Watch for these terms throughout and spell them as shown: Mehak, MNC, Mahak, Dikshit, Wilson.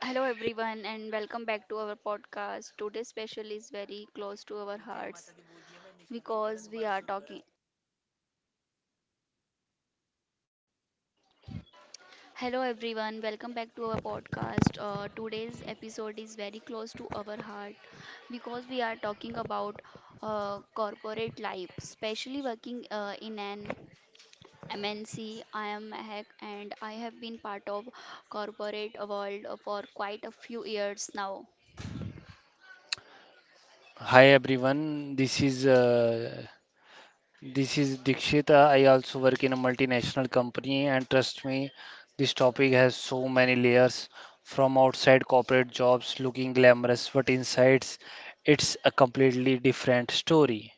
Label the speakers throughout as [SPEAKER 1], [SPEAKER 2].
[SPEAKER 1] Hello everyone and welcome back to our podcast. Today's special is very close to our hearts because we are talking. Hello everyone. Welcome back to our podcast. Today's episode is very close to our heart because we are talking about corporate life, especially working in an MNC. I am Mahak and I have been part of corporate world for quite a few years now.
[SPEAKER 2] Hi everyone. This is Dikshit. I also work in a multinational company, and trust me, this topic has so many layers. From outside corporate jobs looking glamorous, but inside it's a completely different story.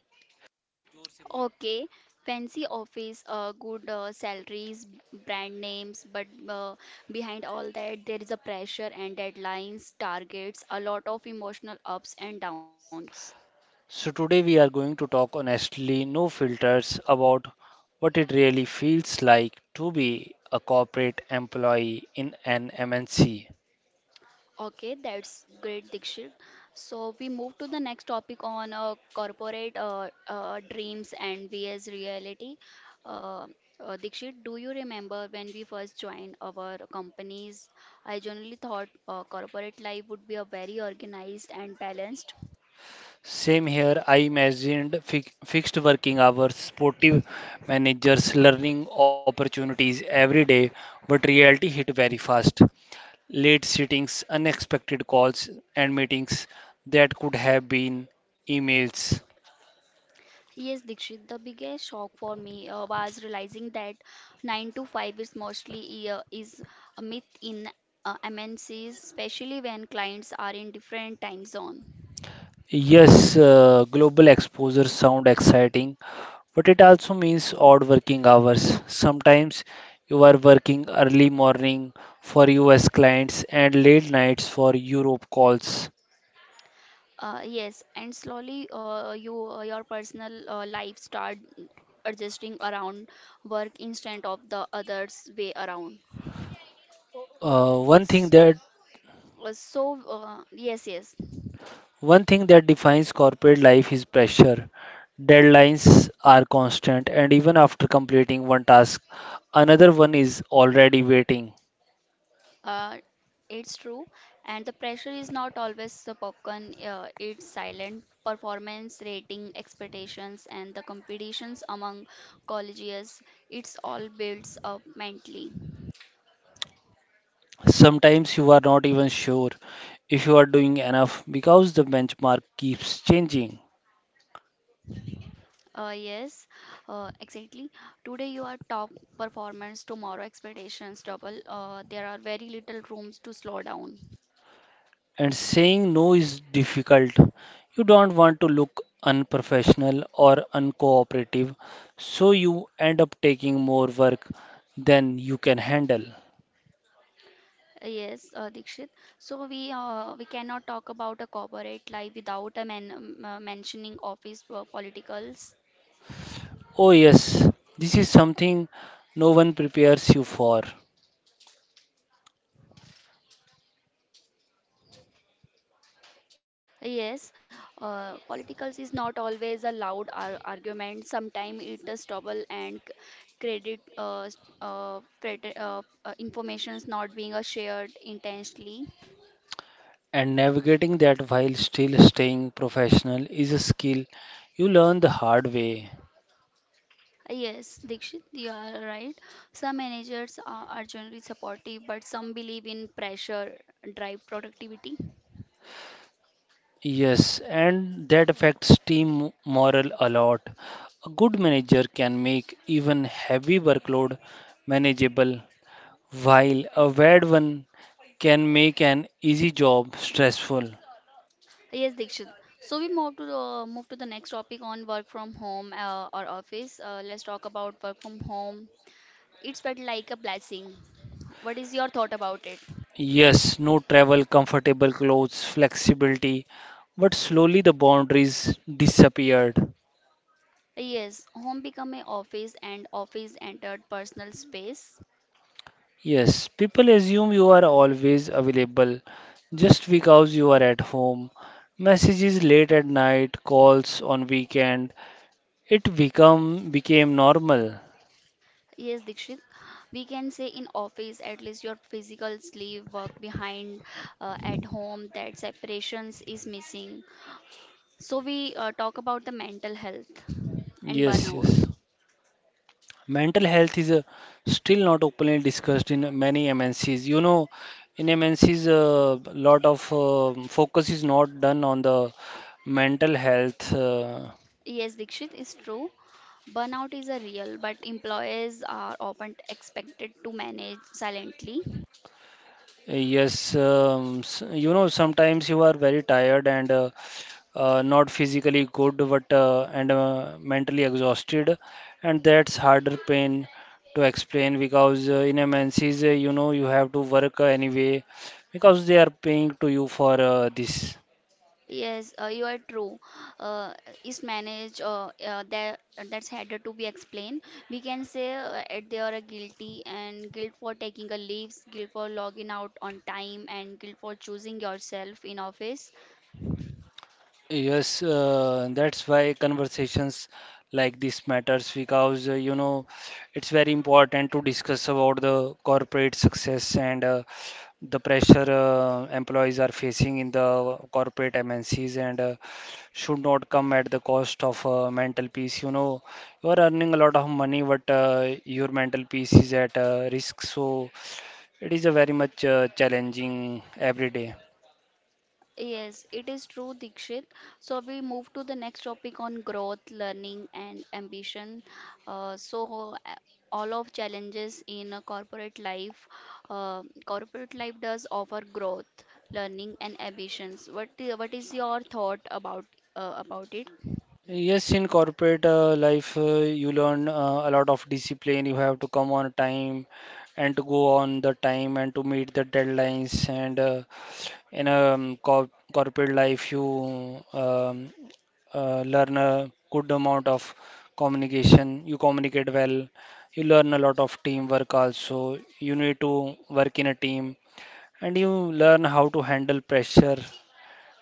[SPEAKER 1] Okay, fancy office, good salaries, brand names, but behind all that, there is a pressure and deadlines, targets, a lot of emotional ups and downs.
[SPEAKER 2] So today we are going to talk honestly, no filters, about what it really feels like to be a corporate employee in an MNC.
[SPEAKER 1] Okay, that's great, Dikshit. So we move to the next topic on corporate dreams and vs reality. Uh, Dikshit, do you remember when we first joined our companies? I generally thought corporate life would be a very organized and balanced.
[SPEAKER 2] Same here. I imagined fi fixed working hours, sportive managers, learning opportunities every day, but reality hit very fast. Late sittings, unexpected calls and meetings that could have been emails.
[SPEAKER 1] Yes, Dikshit, the biggest shock for me was realizing that 9 to 5 is mostly is a myth in MNCs, especially when clients are in different time zone.
[SPEAKER 2] Yes, global exposure sound exciting, but it also means odd working hours. Sometimes you are working early morning for US clients and late nights for Europe calls.
[SPEAKER 1] Yes, and slowly your personal life start adjusting around work instead of the others way around.
[SPEAKER 2] Uh, one thing
[SPEAKER 1] S-
[SPEAKER 2] that
[SPEAKER 1] So yes, yes.
[SPEAKER 2] one thing that defines corporate life is pressure. Deadlines are constant, and even after completing one task, another one is already waiting.
[SPEAKER 1] Uh, it's true, and the pressure is not always the popcorn. It's silent performance, rating, expectations, and the competitions among colleges. It's all builds up mentally.
[SPEAKER 2] Sometimes you are not even sure if you are doing enough because the benchmark keeps changing.
[SPEAKER 1] Uh, yes, exactly. Today you are top performance, tomorrow expectations double. There are very little rooms to slow down.
[SPEAKER 2] And saying no is difficult. You don't want to look unprofessional or uncooperative, so you end up taking more work than you can handle.
[SPEAKER 1] Yes, Dikshit. So we cannot talk about a corporate life without a men mentioning office politicals.
[SPEAKER 2] Oh, yes, this is something no one prepares you for,
[SPEAKER 1] Yes, politicals is not always a loud ar argument. Sometimes it is trouble and credit, informations not being shared intentionally.
[SPEAKER 2] and navigating that while still staying professional is a skill you learn the hard way.
[SPEAKER 1] Yes, Dikshit, you are right. Some managers are generally supportive, but some believe in pressure drive productivity.
[SPEAKER 2] Yes, and that affects team morale a lot. A good manager can make even heavy workload manageable, while a bad one can make an easy job stressful.
[SPEAKER 1] Yes, Dikshit. So we move to the next topic on work from home or office. Let's talk about work from home. It's felt like a blessing. What is your thought about it?
[SPEAKER 2] Yes, no travel, comfortable clothes, flexibility, but slowly the boundaries disappeared.
[SPEAKER 1] Yes, home become a office and office entered personal space.
[SPEAKER 2] Yes, people assume you are always available just because you are at home. Messages late at night, calls on weekend, it become became normal.
[SPEAKER 1] Yes, Dikshit, we can say in office at least your physical sleeve work behind at home that separations is missing. So we talk about the mental health and
[SPEAKER 2] Yes,
[SPEAKER 1] burnout.
[SPEAKER 2] yes. Mental health is still not openly discussed in many MNCs. You know, in MNCs, a lot of focus is not done on the mental health.
[SPEAKER 1] Yes, Dikshit is true. Burnout is a real, but employees are often expected to manage silently.
[SPEAKER 2] You know, sometimes you are very tired and not physically good, but and mentally exhausted, and that's harder pain to explain because in MNCs, you know, you have to work anyway because they are paying to you for this.
[SPEAKER 1] Yes, you are true. Uh, is managed that that's harder to be explained. We can say at they are a guilty and guilt for taking a leaves, guilt for logging out on time, and guilt for choosing yourself in office.
[SPEAKER 2] Yes, that's why conversations like this matters because you know it's very important to discuss about the corporate success and the pressure employees are facing in the corporate MNCs and should not come at the cost of mental peace. You know, you are earning a lot of money, but your mental peace is at risk. So it is a very much challenging every day.
[SPEAKER 1] Yes, it is true, Dikshit. So we move to the next topic on growth, learning, and ambition. Uh, so uh, all of challenges in a corporate life does offer growth, learning, and ambitions. What is your thought about it?
[SPEAKER 2] Yes, in corporate life, you learn a lot of discipline. You have to come on time and to go on the time and to meet the deadlines. And in a corp corporate life, you learn a good amount of communication. You communicate well. You learn a lot of teamwork also. You need to work in a team and you learn how to handle pressure.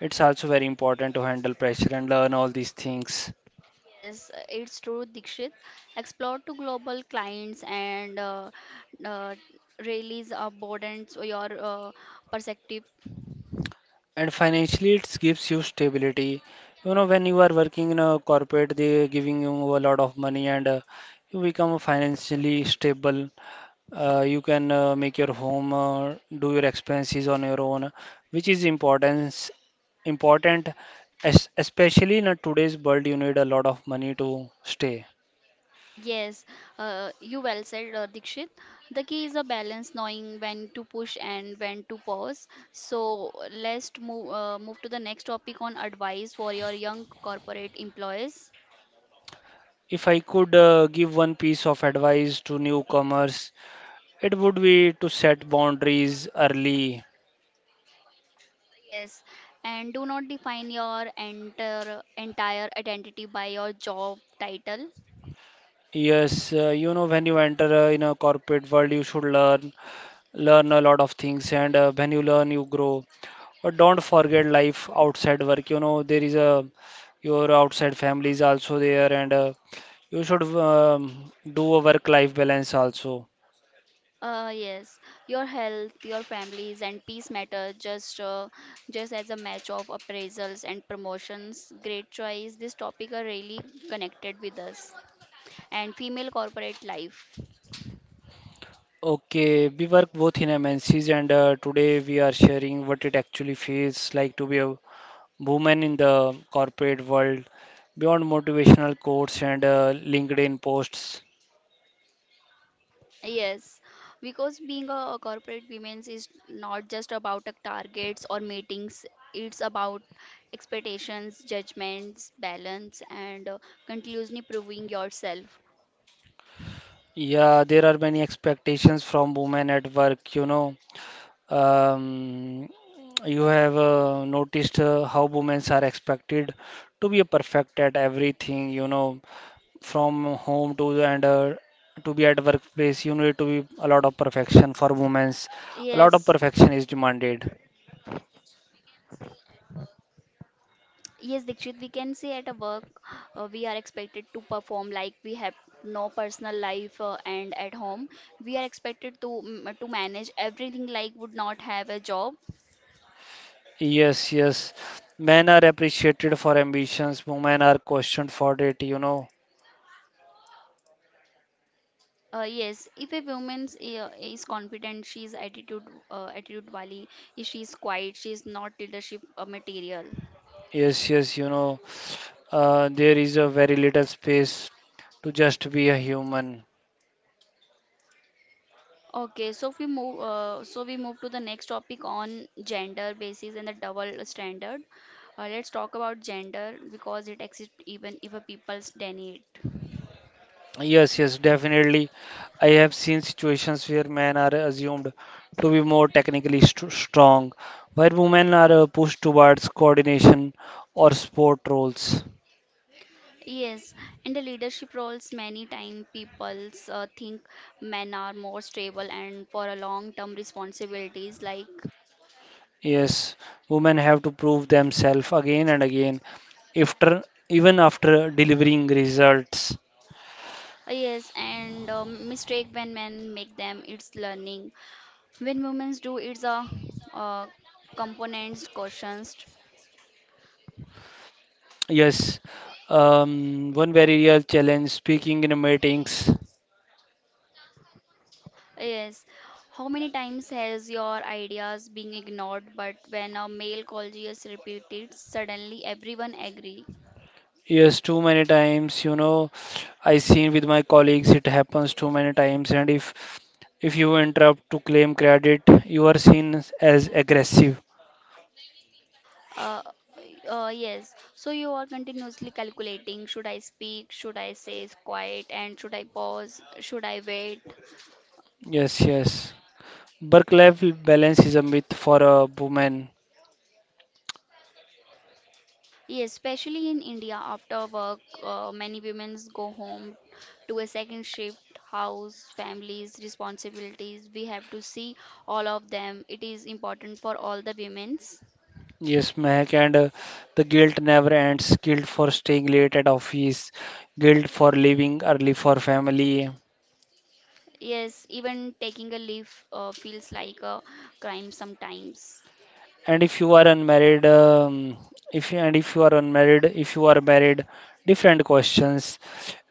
[SPEAKER 2] It's also very important to handle pressure and learn all these things.
[SPEAKER 1] Yes, it's true, Dikshit. Explore to global clients and uh, release abundance your uh, perspective.
[SPEAKER 2] And financially it gives you stability. You know, when you are working in a corporate they giving you a lot of money, and you become financially stable. You can make your home, do your expenses on your own, which is importance important, especially in a today's world. You need a lot of money to stay.
[SPEAKER 1] Yes, you well said, Dikshit. The key is a balance, knowing when to push and when to pause. So let's move to the next topic on advice for your young corporate employees.
[SPEAKER 2] If I could give one piece of advice to newcomers, it would be to set boundaries early.
[SPEAKER 1] Yes, and do not define your entire identity by your job title.
[SPEAKER 2] Yes, you know, when you enter in a corporate world, you should learn a lot of things, and when you learn, you grow. But don't forget life outside work. You know, there is a your outside family is also there, and you should do a work-life balance also.
[SPEAKER 1] Yes, your health, your families, and peace matter just as a match of appraisals and promotions. Great choice. This topic are really connected with us and female corporate life.
[SPEAKER 2] Okay, we work both in MNCs, and today we are sharing what it actually feels like to be a woman in the corporate world, beyond motivational quotes and LinkedIn posts.
[SPEAKER 1] Yes, because being a corporate woman is not just about targets or meetings. It's about expectations, judgments, balance, and continuously proving yourself.
[SPEAKER 2] Yeah, there are many expectations from women at work, you know. Um, you have noticed how women are expected to be perfect at everything, you know, from home to the and to be at workplace, you need to be a lot of perfection for women. A lot of
[SPEAKER 1] Yes.
[SPEAKER 2] perfection is demanded.
[SPEAKER 1] Yes, Dikshit, we can say at a work we are expected to perform like we have no personal life and at home we are expected to to manage everything like would not have a job.
[SPEAKER 2] Yes, yes. Men are appreciated for ambitions, women are questioned for it, you know.
[SPEAKER 1] Yes, if a woman is confident, she is attitude wali, if she is quiet, she is not leadership material.
[SPEAKER 2] Yes, yes, you know, there is a very little space to just be a human.
[SPEAKER 1] Okay, so if we move, so we move to the next topic on gender basis and the double standard. Let's talk about gender because it exists even if a people's deny it.
[SPEAKER 2] Yes, yes, definitely. I have seen situations where men are assumed to be more technically st strong, while women are pushed towards coordination or sport roles.
[SPEAKER 1] Yes, in the leadership roles, many time people's think men are more stable and for a long-term responsibilities like
[SPEAKER 2] Yes, women have to prove themselves again and again, after, even after delivering results.
[SPEAKER 1] yes, and mistake when men make them, it's learning. When women do, it's a uh, components, cautions.
[SPEAKER 2] Yes, one very real challenge speaking in meetings.
[SPEAKER 1] Yes. How many times has your ideas been ignored, but when a male colleague repeated, suddenly everyone agree?
[SPEAKER 2] Yes, too many times, you know, I seen with my colleagues it happens too many times, and if you interrupt to claim credit, you are seen as aggressive.
[SPEAKER 1] Uh, yes. So you are continuously calculating: should I speak? Should I say quiet? And should I pause? Should I wait?
[SPEAKER 2] Yes, yes. Work-life balance is a myth for a woman.
[SPEAKER 1] Yes, especially in India, after work, many women go home to a second shift, house, families, responsibilities. We have to see all of them. It is important for all the women.
[SPEAKER 2] Yes, Mehak, and the guilt never ends. Guilt for staying late at office, guilt for leaving early for family.
[SPEAKER 1] Yes, even taking a leave feels like a crime sometimes.
[SPEAKER 2] And if you are unmarried, if you, and if you are unmarried, if you are married, different questions.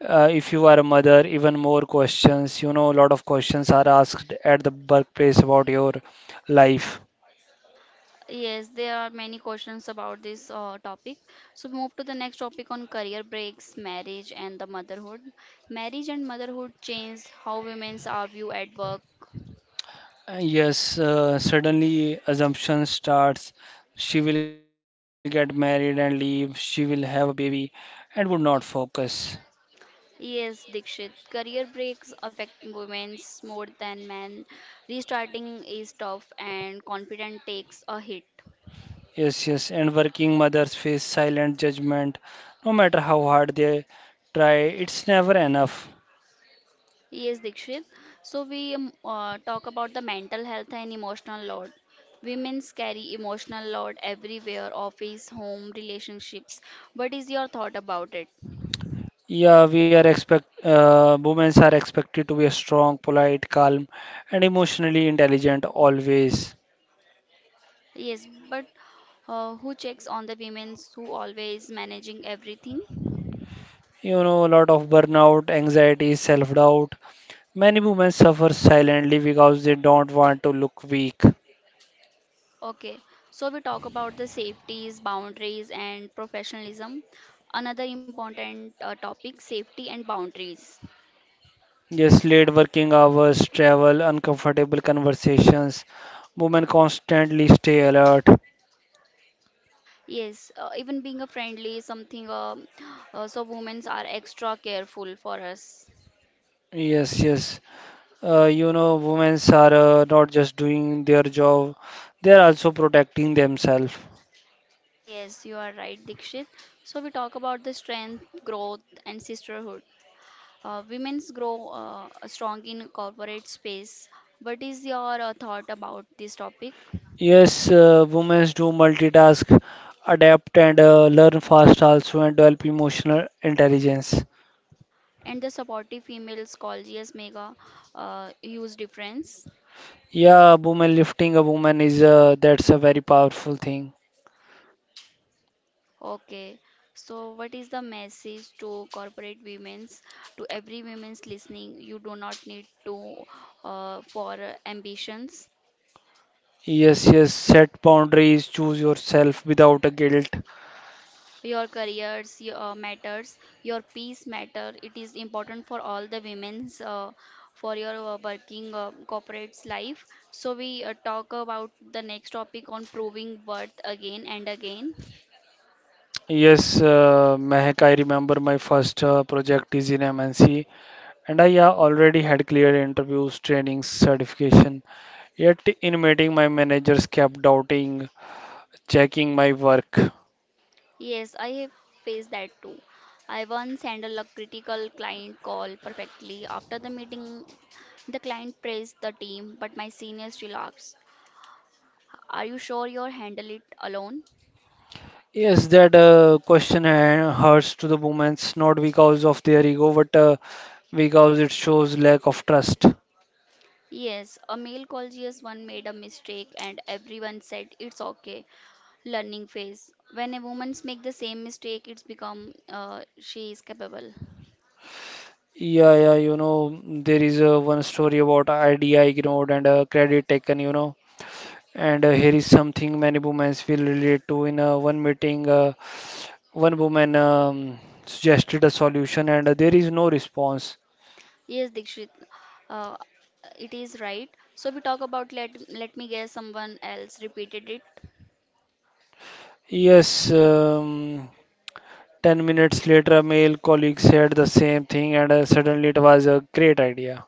[SPEAKER 2] If you are a mother, even more questions. You know, a lot of questions are asked at the workplace about your life.
[SPEAKER 1] Yes, there are many questions about this topic. So, move to the next topic on career breaks, marriage, and the motherhood. Marriage and motherhood change how women's are viewed at work.
[SPEAKER 2] Yes, suddenly assumption starts. She will get married and leave. She will have a baby and would not focus.
[SPEAKER 1] Yes, Dikshit, career breaks affect women's more than men. Restarting is tough, and confidence takes a hit.
[SPEAKER 2] Yes, yes, and working mothers face silent judgment no matter how hard they try, it's never enough.
[SPEAKER 1] Yes, Dikshit. So we talk about the mental health and emotional load. Women carry emotional load everywhere, office, home, relationships. What is your thought about it?
[SPEAKER 2] Yeah, we are expect Women are expected to be strong, polite, calm, and emotionally intelligent always.
[SPEAKER 1] Yes, but who checks on the women who always managing everything?
[SPEAKER 2] You know, a lot of burnout, anxiety, self-doubt. Many women suffer silently because they don't want to look weak.
[SPEAKER 1] Okay, so we talk about the safeties, boundaries, and professionalism. Another important topic, safety and boundaries.
[SPEAKER 2] Yes, late working hours, travel, uncomfortable conversations. Women constantly stay alert.
[SPEAKER 1] Yes, even being a friendly something, so women are extra careful for us.
[SPEAKER 2] Yes, yes. You know, women are not just doing their job, they are also protecting themselves.
[SPEAKER 1] Yes, you are right, Dikshit. So we talk about the strength, growth, and sisterhood. Women's grow strong in corporate space. What is your thought about this topic,
[SPEAKER 2] Yes, women do multitask, adapt and learn fast also and develop emotional intelligence.
[SPEAKER 1] and the supportive females colleges make a huge difference?
[SPEAKER 2] Yeah, woman lifting a woman is that's a very powerful thing.
[SPEAKER 1] Okay, so what is the message to corporate women's, to every women's listening? You do not need to for ambitions.
[SPEAKER 2] Yes, yes, set boundaries, choose yourself without a guilt.
[SPEAKER 1] Your careers matters. Your peace matter. It is important for all the women's for your working corporate's life. So we talk about the next topic on proving worth again and again.
[SPEAKER 2] Yes, Mehak, I remember my first project is in MNC and I already had clear interviews, trainings, certification. Yet in meeting, my managers kept doubting, checking my work.
[SPEAKER 1] Yes, I have faced that too. I once handled a critical client call perfectly. After the meeting, the client praised the team, but my seniors relaxed. Are you sure you'll handle it alone?
[SPEAKER 2] Yes, that question hurts to the women's not because of their ego, but because it shows lack of trust.
[SPEAKER 1] Yes, a male call GS1 made a mistake and everyone said it's okay. Learning phase. When a woman makes the same mistake, it's become she is capable.
[SPEAKER 2] Yeah, yeah, you know, there is one story about idea ignored and credit taken, you know. And here is something many women will relate to. In one meeting, one woman suggested a solution, and there is no response.
[SPEAKER 1] Yes, Dikshit, uh, it is right. So we talk about let me guess someone else repeated it.
[SPEAKER 2] Yes, 10 minutes later, a male colleague said the same thing, and suddenly it was a great idea.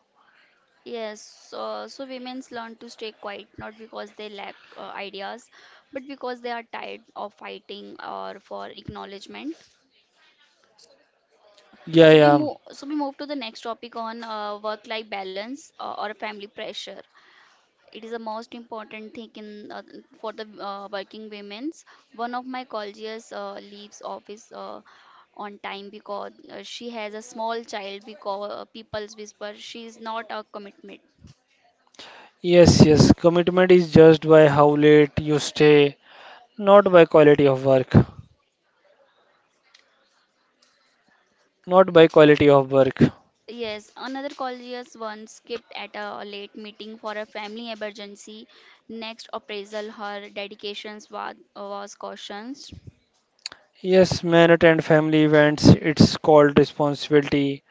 [SPEAKER 1] Yes, so women's learn to stay quiet not because they lack ideas, but because they are tired of fighting or for acknowledgement. Uh,
[SPEAKER 2] Yeah,
[SPEAKER 1] so we
[SPEAKER 2] yeah.
[SPEAKER 1] move, so we move to the next topic on work-life balance or family pressure. It is the most important thing in for the working women's. One of my colleagues leaves office on time because she has a small child because people's whisper she is not a commitment.
[SPEAKER 2] Yes, yes. Commitment is judged by how late you stay, not by quality of work. Not by quality of work.
[SPEAKER 1] Yes, another collegius one skipped at a late meeting for a family emergency. Next appraisal, her dedications was cautioned.
[SPEAKER 2] Yes, men attend family events, it's called responsibility.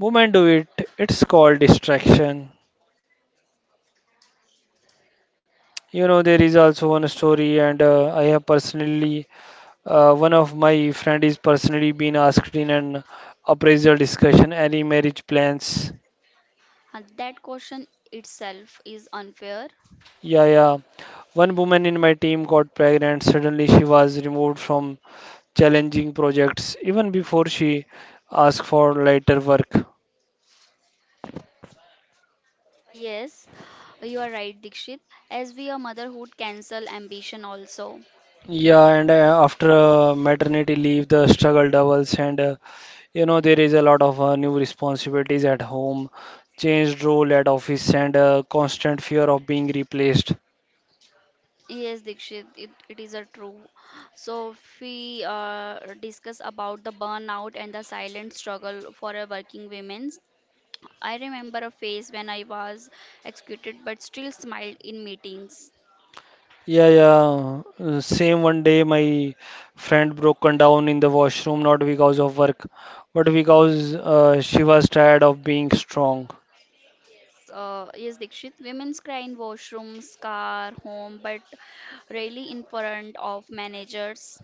[SPEAKER 2] Women do it, it's called distraction. You know, there is also one story, and I have personally, one of my friend is personally been asked in an appraisal discussion any marriage plans.
[SPEAKER 1] That caution itself is unfair.
[SPEAKER 2] Yeah, yeah. One woman in my team got pregnant. Suddenly, she was removed from challenging projects even before she asked for lighter work.
[SPEAKER 1] Yes, you are right, Dikshit. As we are motherhood cancel ambition also.
[SPEAKER 2] Yeah, and After maternity leave, the struggle doubles, and you know, there is a lot of new responsibilities at home, changed role at office, and constant fear of being replaced.
[SPEAKER 1] Yes, Dikshit, it is a true. So if we discuss about the burnout and the silent struggle for a working women, I remember a phase when I was executed but still smiled in meetings.
[SPEAKER 2] Yeah, yeah. Same one day, my friend broken down in the washroom, not because of work, but because she was tired of being strong.
[SPEAKER 1] Yes, Dikshit. Women's cry in washrooms, car, home, but rarely in front of managers.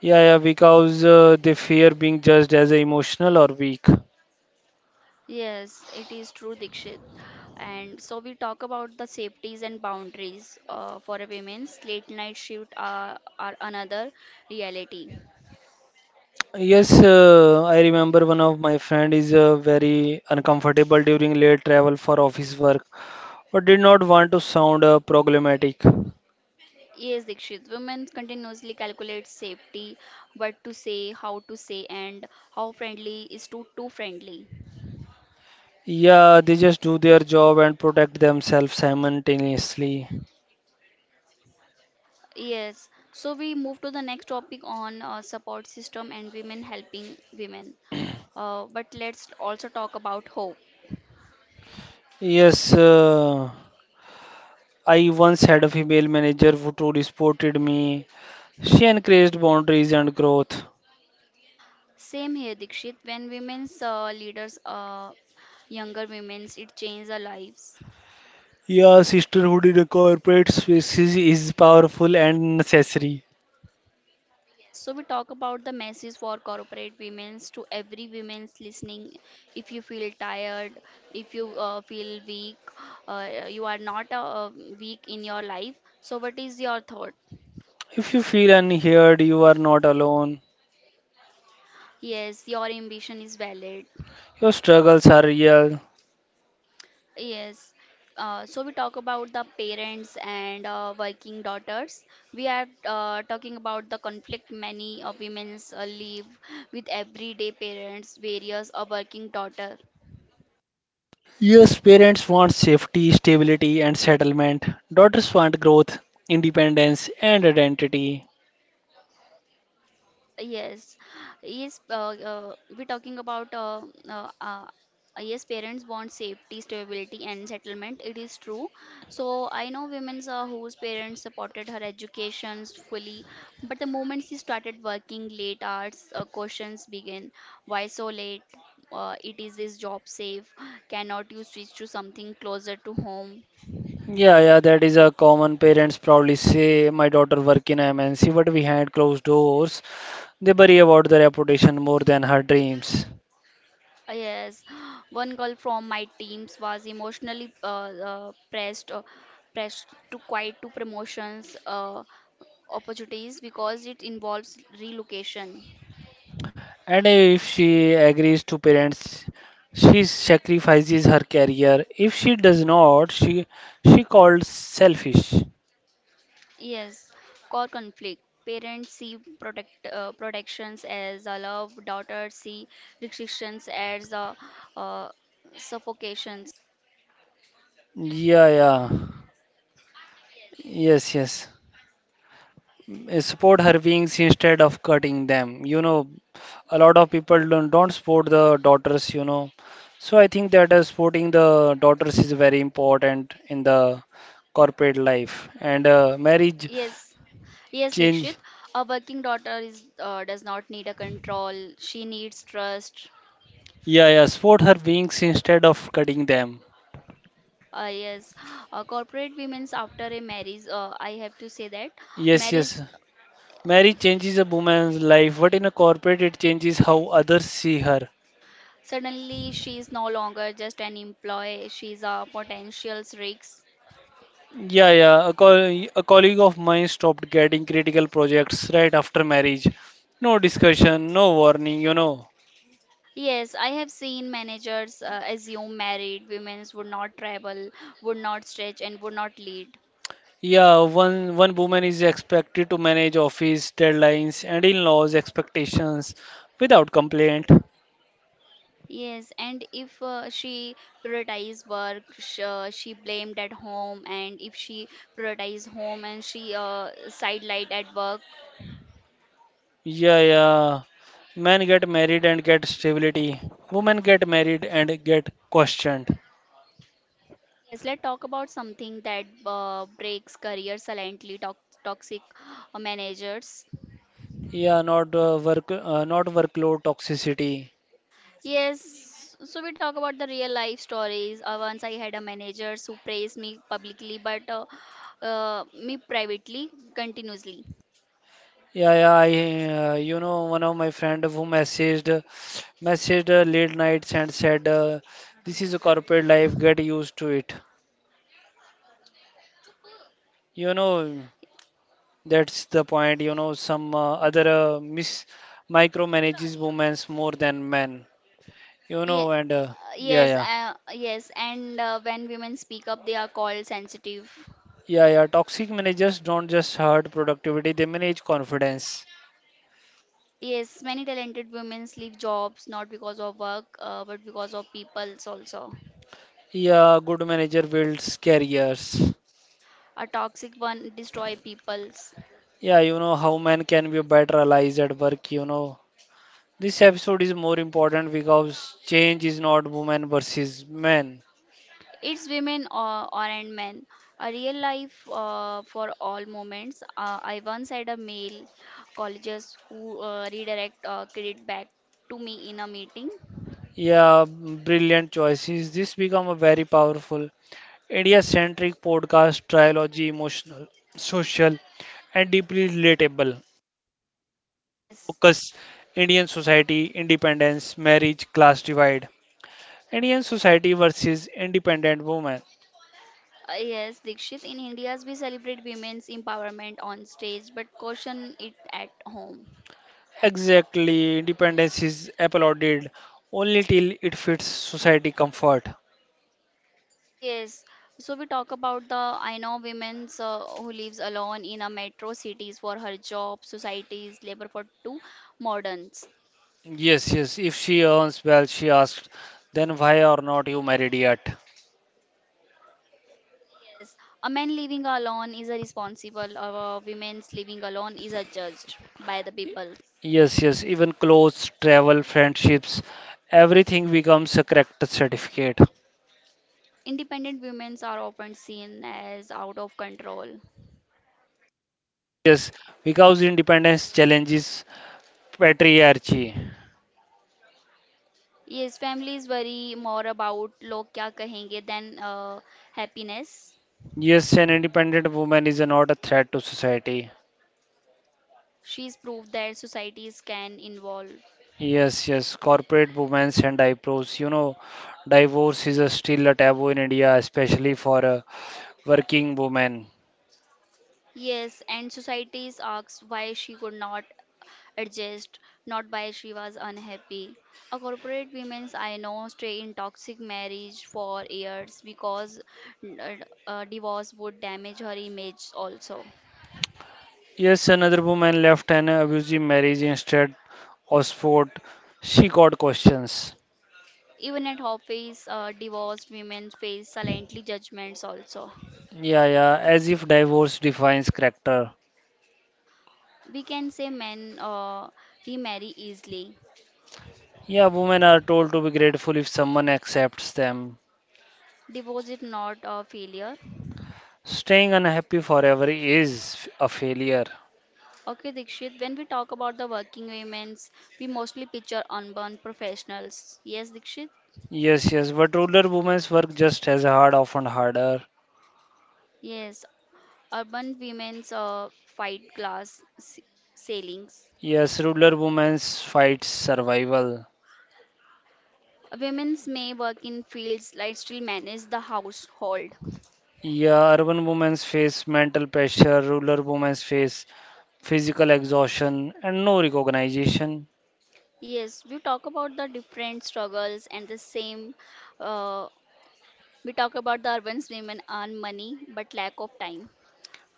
[SPEAKER 2] Yeah, yeah, because they fear being judged as emotional or weak.
[SPEAKER 1] Yes, it is true, Dikshit. And so we talk about the safeties and boundaries for a women's late night shift are another reality.
[SPEAKER 2] Yes, I remember one of my friend is very uncomfortable during late travel for office work, but did not want to sound problematic.
[SPEAKER 1] Yes, Dikshit. Women continuously calculate safety, what to say, how to say, and how friendly is too friendly.
[SPEAKER 2] Yeah, they just do their job and protect themselves simultaneously.
[SPEAKER 1] Yes. So we move to the next topic on support system and women helping women. But let's also talk about hope.
[SPEAKER 2] Yes, I once had a female manager who truly supported me. She encouraged boundaries and growth.
[SPEAKER 1] Same here, Dikshit. When women's leaders, younger women's, it changes their lives.
[SPEAKER 2] Yeah, sisterhood in a corporate space is powerful and necessary.
[SPEAKER 1] Yes, so we talk about the message for corporate women's to every women's listening. If you feel tired, if you feel weak, you are not weak in your life. So, what is your thought?
[SPEAKER 2] If you feel unheard, you are not alone.
[SPEAKER 1] Yes, your ambition is valid.
[SPEAKER 2] Your struggles are real.
[SPEAKER 1] Yes. So we talk about the parents and working daughters. We are talking about the conflict many of women live with everyday parents, various or working daughter.
[SPEAKER 2] Yes, parents want safety, stability, and settlement. Daughters want growth, independence, and identity.
[SPEAKER 1] Yes, yes. We're talking about uh, uh, yes, parents want safety, stability, and settlement. It is true. So I know women whose parents supported her educations fully, but the moment she started working late hours, questions begin. Why so late? It is this job safe? Cannot you switch to something closer to home?
[SPEAKER 2] Yeah, yeah, that is a common. Parents proudly say, "My daughter work in MNC, but we had closed doors, they worry about the reputation more than her dreams."
[SPEAKER 1] Yes, one girl from my teams was emotionally pressed, pressed to quit to promotions opportunities because it involves relocation.
[SPEAKER 2] And if she agrees to parents, she sacrifices her career. If she does not, she called selfish.
[SPEAKER 1] Yes, core conflict. Parents see protections as a love. Daughters see restrictions as a uh, suffocations.
[SPEAKER 2] Yeah, yeah, yes, yes. Support her wings instead of cutting them. You know, a lot of people don't support the daughters, you know. So I think that supporting the daughters is very important in the corporate life and marriage
[SPEAKER 1] Yes, yes, Dikshit.
[SPEAKER 2] change.
[SPEAKER 1] A working daughter is does not need a control. She needs trust.
[SPEAKER 2] Yeah, support her wings instead of cutting them.
[SPEAKER 1] Yes, corporate women's after a marriage, I have to say that
[SPEAKER 2] Yes,
[SPEAKER 1] marriage
[SPEAKER 2] yes. Marriage changes a woman's life, but in a corporate it changes how others see her.
[SPEAKER 1] suddenly she is no longer just an employee, she is a potential risk.
[SPEAKER 2] Yeah, yeah. A colleague of mine stopped getting critical projects right after marriage. No discussion, no warning, you know.
[SPEAKER 1] Yes, I have seen managers assume married women would not travel, would not stretch, and would not lead.
[SPEAKER 2] Yeah, one woman is expected to manage office deadlines and in-laws expectations without complaint.
[SPEAKER 1] Yes, and if she prioritized work, sh she blamed at home, and if she prioritized home and she sidelined at work.
[SPEAKER 2] Yeah, yeah. Men get married and get stability. Women get married and get questioned.
[SPEAKER 1] Yes, let's talk about something that breaks career silently, toxic managers.
[SPEAKER 2] Yeah, not workload toxicity.
[SPEAKER 1] Yes, so we talk about the real life stories. Once I had a manager who praised me publicly, but me privately continuously.
[SPEAKER 2] You know, one of my friend who messaged late nights and said, "This is a corporate life. Get used to it." You know, that's the point. You know, some other mis micromanages women more than men. You
[SPEAKER 1] Yeah,
[SPEAKER 2] know, and yeah,
[SPEAKER 1] yes,
[SPEAKER 2] yeah,
[SPEAKER 1] yes, and when women speak up, they are called sensitive.
[SPEAKER 2] yeah, yeah. Toxic managers don't just hurt productivity; they manage confidence.
[SPEAKER 1] Yes, many talented women leave jobs not because of work, but because of peoples also.
[SPEAKER 2] Yeah, good manager builds careers.
[SPEAKER 1] A toxic one destroy peoples.
[SPEAKER 2] Yeah, you know how men can be better allies at work. You know, this episode is more important because change is not women versus men.
[SPEAKER 1] It's women or and men. A real life for all moments. I once had a male colleges who redirect credit back to me in a meeting.
[SPEAKER 2] Yeah, brilliant choices. This become a very powerful India-centric podcast trilogy, emotional, social, and deeply relatable.
[SPEAKER 1] Yes,
[SPEAKER 2] Focus: Indian society, independence, marriage, class divide. Indian society versus independent women.
[SPEAKER 1] yes, Dikshit. In India's we celebrate women's empowerment on stage, but caution it at home.
[SPEAKER 2] Exactly, independence is applauded only till it fits society comfort.
[SPEAKER 1] Yes. So we talk about the I know women's who lives alone in a metro cities for her job, societies, labor for two moderns.
[SPEAKER 2] Yes, yes. If she earns well, she asked, then why are not you married yet?
[SPEAKER 1] Yes, a man living alone is a responsible, or a woman's living alone is a judged by the people.
[SPEAKER 2] Yes, yes. Even clothes, travel, friendships, everything becomes a character certificate.
[SPEAKER 1] Independent women are often seen as out of control.
[SPEAKER 2] Yes, because independence challenges patriarchy.
[SPEAKER 1] Yes, families worry more about log kya kahenge than happiness.
[SPEAKER 2] Yes, an independent woman is not a threat to society.
[SPEAKER 1] She's proved that societies can involve.
[SPEAKER 2] Yes, yes. Corporate women and eyebrows. You know, divorce is a still a taboo in India, especially for a working woman.
[SPEAKER 1] Yes, and societies asks why she could not adjust, not by she was unhappy. A corporate women's I know stay in toxic marriage for years because uh, divorce would damage her image also.
[SPEAKER 2] Yes, another woman left an abusive marriage instead of sport. She got questions.
[SPEAKER 1] Even at office, divorced women face silently judgments also.
[SPEAKER 2] Yeah, yeah, as if divorce defines character.
[SPEAKER 1] We can say men remarry easily.
[SPEAKER 2] Yeah, women are told to be grateful if someone accepts them.
[SPEAKER 1] Divorce is not a failure.
[SPEAKER 2] Staying unhappy forever is a failure.
[SPEAKER 1] Okay, Dikshit, when we talk about the working women's, we mostly picture unborn professionals. Yes, Dikshit?
[SPEAKER 2] Yes, yes, but ruler women's work just as hard, often harder.
[SPEAKER 1] Yes, urban women's fight glass ceilings.
[SPEAKER 2] Yes, ruler women's fight survival.
[SPEAKER 1] Women's may work in fields like still manage the household.
[SPEAKER 2] Yeah, urban women's face mental pressure, ruler women's face physical exhaustion, and no recognition.
[SPEAKER 1] Yes, we talk about the different struggles and the same. Uh, we talk about the urban women earn money but lack of time.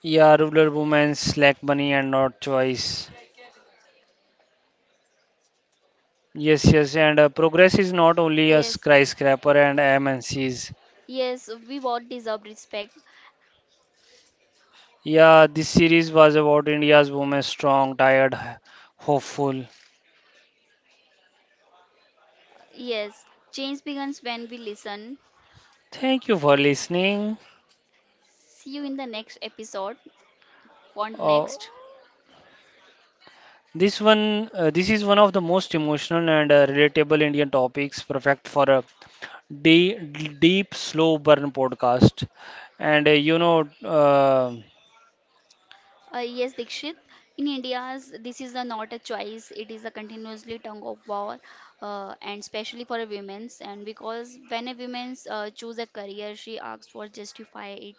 [SPEAKER 2] Yeah, ruler women, slack bunny, and not choice. Yes, yes, and progress is not only a
[SPEAKER 1] Yes,
[SPEAKER 2] skyscraper and MNCs.
[SPEAKER 1] yes, we both deserve respect.
[SPEAKER 2] Yeah, this series was about India's women strong, tired, hopeful.
[SPEAKER 1] Yes, change begins when we listen.
[SPEAKER 2] Thank you for listening.
[SPEAKER 1] See you in the next episode. Want
[SPEAKER 2] Uh,
[SPEAKER 1] next?
[SPEAKER 2] this is one of the most emotional and relatable Indian topics, perfect for a deep, slow burn podcast. And you know.
[SPEAKER 1] Yes, Dikshit. In India's, this is a, not a choice. It is a continuously tongue of war, and especially for a women's. And because when a woman's choose a career, she asks for justify it.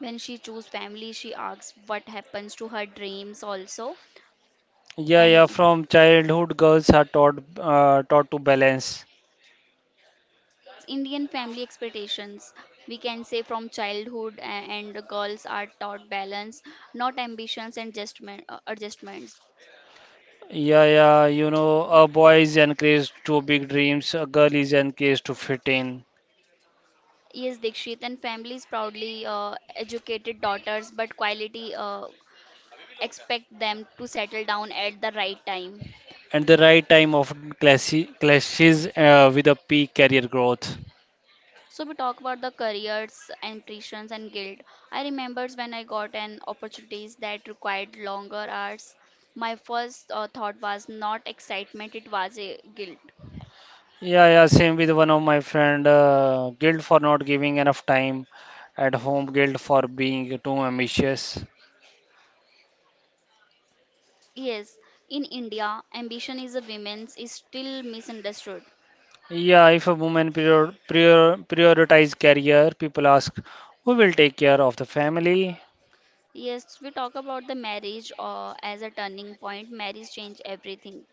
[SPEAKER 1] When she choose family, she asks what happens to her dreams also.
[SPEAKER 2] Yeah, yeah,
[SPEAKER 1] And
[SPEAKER 2] from childhood, girls are taught to balance.
[SPEAKER 1] yes, Indian family expectations. We can say from childhood, and girls are taught balance, not ambitions and adjustment, adjustments.
[SPEAKER 2] Yeah, yeah, you know, a boy is encouraged to big dreams, a girl is encouraged to fit in,
[SPEAKER 1] Yes, Dikshit, and families proudly educated daughters, but quality expect them to settle down at the right time.
[SPEAKER 2] and the right time often clashes with a peak career growth.
[SPEAKER 1] So we talk about the careers, ambitions, and guilt. I remembers when I got an opportunities that required longer hours. My first thought was not excitement; it was a guilt.
[SPEAKER 2] Yeah, yeah, same with one of my friend, guilt for not giving enough time at home, guilt for being too ambitious.
[SPEAKER 1] Yes, in India, ambition is a women's is still misunderstood.
[SPEAKER 2] Yeah, if a woman prioritize career, people ask, who will take care of the family?
[SPEAKER 1] Yes, we talk about the marriage as a turning point. Marriage changed everything.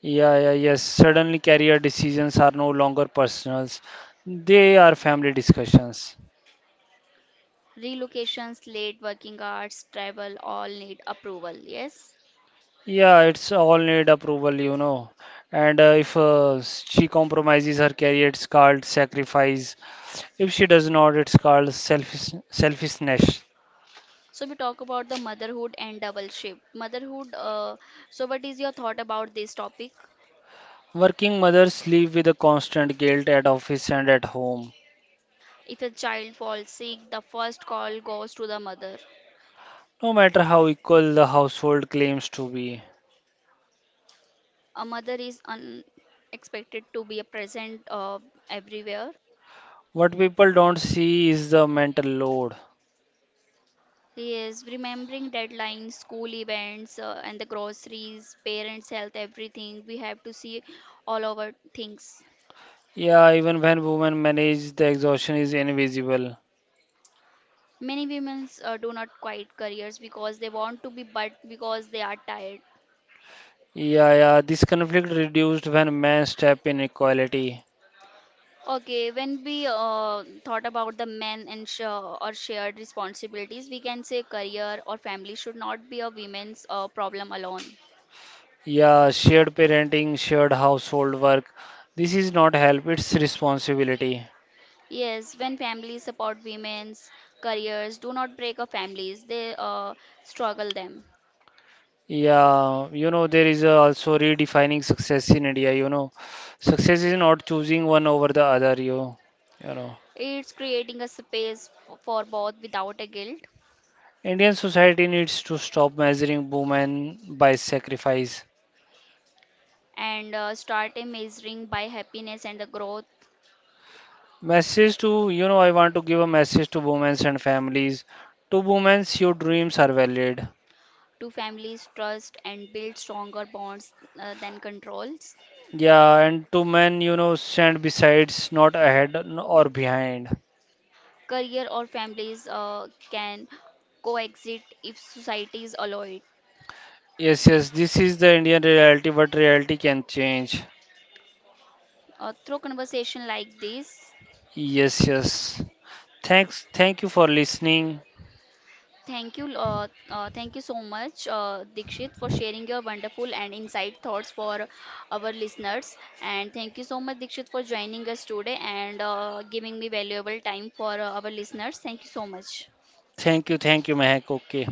[SPEAKER 2] Yeah, yeah, yes. Suddenly, career decisions are no longer personal, they are family discussions.
[SPEAKER 1] Relocations, late working hours, travel all need approval. Yes.
[SPEAKER 2] Yeah, it's all need approval, you know. And if she compromises her career, it's called sacrifice. If she does not, it's called selfishness.
[SPEAKER 1] So we talk about the motherhood and double shift. Motherhood. So what is your thought about this topic?
[SPEAKER 2] Working mothers live with a constant guilt at office and at home,
[SPEAKER 1] If a child falls sick, the first call goes to the mother.
[SPEAKER 2] no matter how equal the household claims to be.
[SPEAKER 1] A mother is unexpected to be a present everywhere.
[SPEAKER 2] What people don't see is the mental load.
[SPEAKER 1] He is remembering deadlines, school events, and the groceries, parents' health, everything. We have to see all our things.
[SPEAKER 2] Yeah, even when women manage, the exhaustion is invisible.
[SPEAKER 1] Many women do not quit careers because they want to be, but because they are tired.
[SPEAKER 2] Yeah, yeah, this conflict reduced when men step in equality.
[SPEAKER 1] Okay, when we thought about the men and or shared responsibilities, we can say career or family should not be a women's problem alone.
[SPEAKER 2] Yeah, shared parenting, shared household work. This is not help, it's responsibility.
[SPEAKER 1] Yes, when families support women's careers, do not break up families, they struggle them.
[SPEAKER 2] Yeah, you know, there is also redefining success in India, you know. Success is not choosing one over the other, you know.
[SPEAKER 1] It's creating a space for both without a guilt
[SPEAKER 2] Indian society needs to stop measuring women by sacrifice.
[SPEAKER 1] and start a measuring by happiness and the growth.
[SPEAKER 2] Message to, you know, I want to give a message to women and families. To women, your dreams are valid.
[SPEAKER 1] To families trust and build stronger bonds than controls?
[SPEAKER 2] Yeah, and to men, you know, stand besides, not ahead or behind.
[SPEAKER 1] Career or families can coexist if societies allow it.
[SPEAKER 2] Yes, yes, this is the Indian reality, but reality can change.
[SPEAKER 1] Through conversation like this,
[SPEAKER 2] Yes, yes. Thank you for listening.
[SPEAKER 1] thank you so much, Dikshit, for sharing your wonderful and insight thoughts for our listeners. And thank you so much, Dikshit, for joining us today and giving me valuable time for our listeners. Thank you so much.
[SPEAKER 2] Thank you, Mehak. Okay.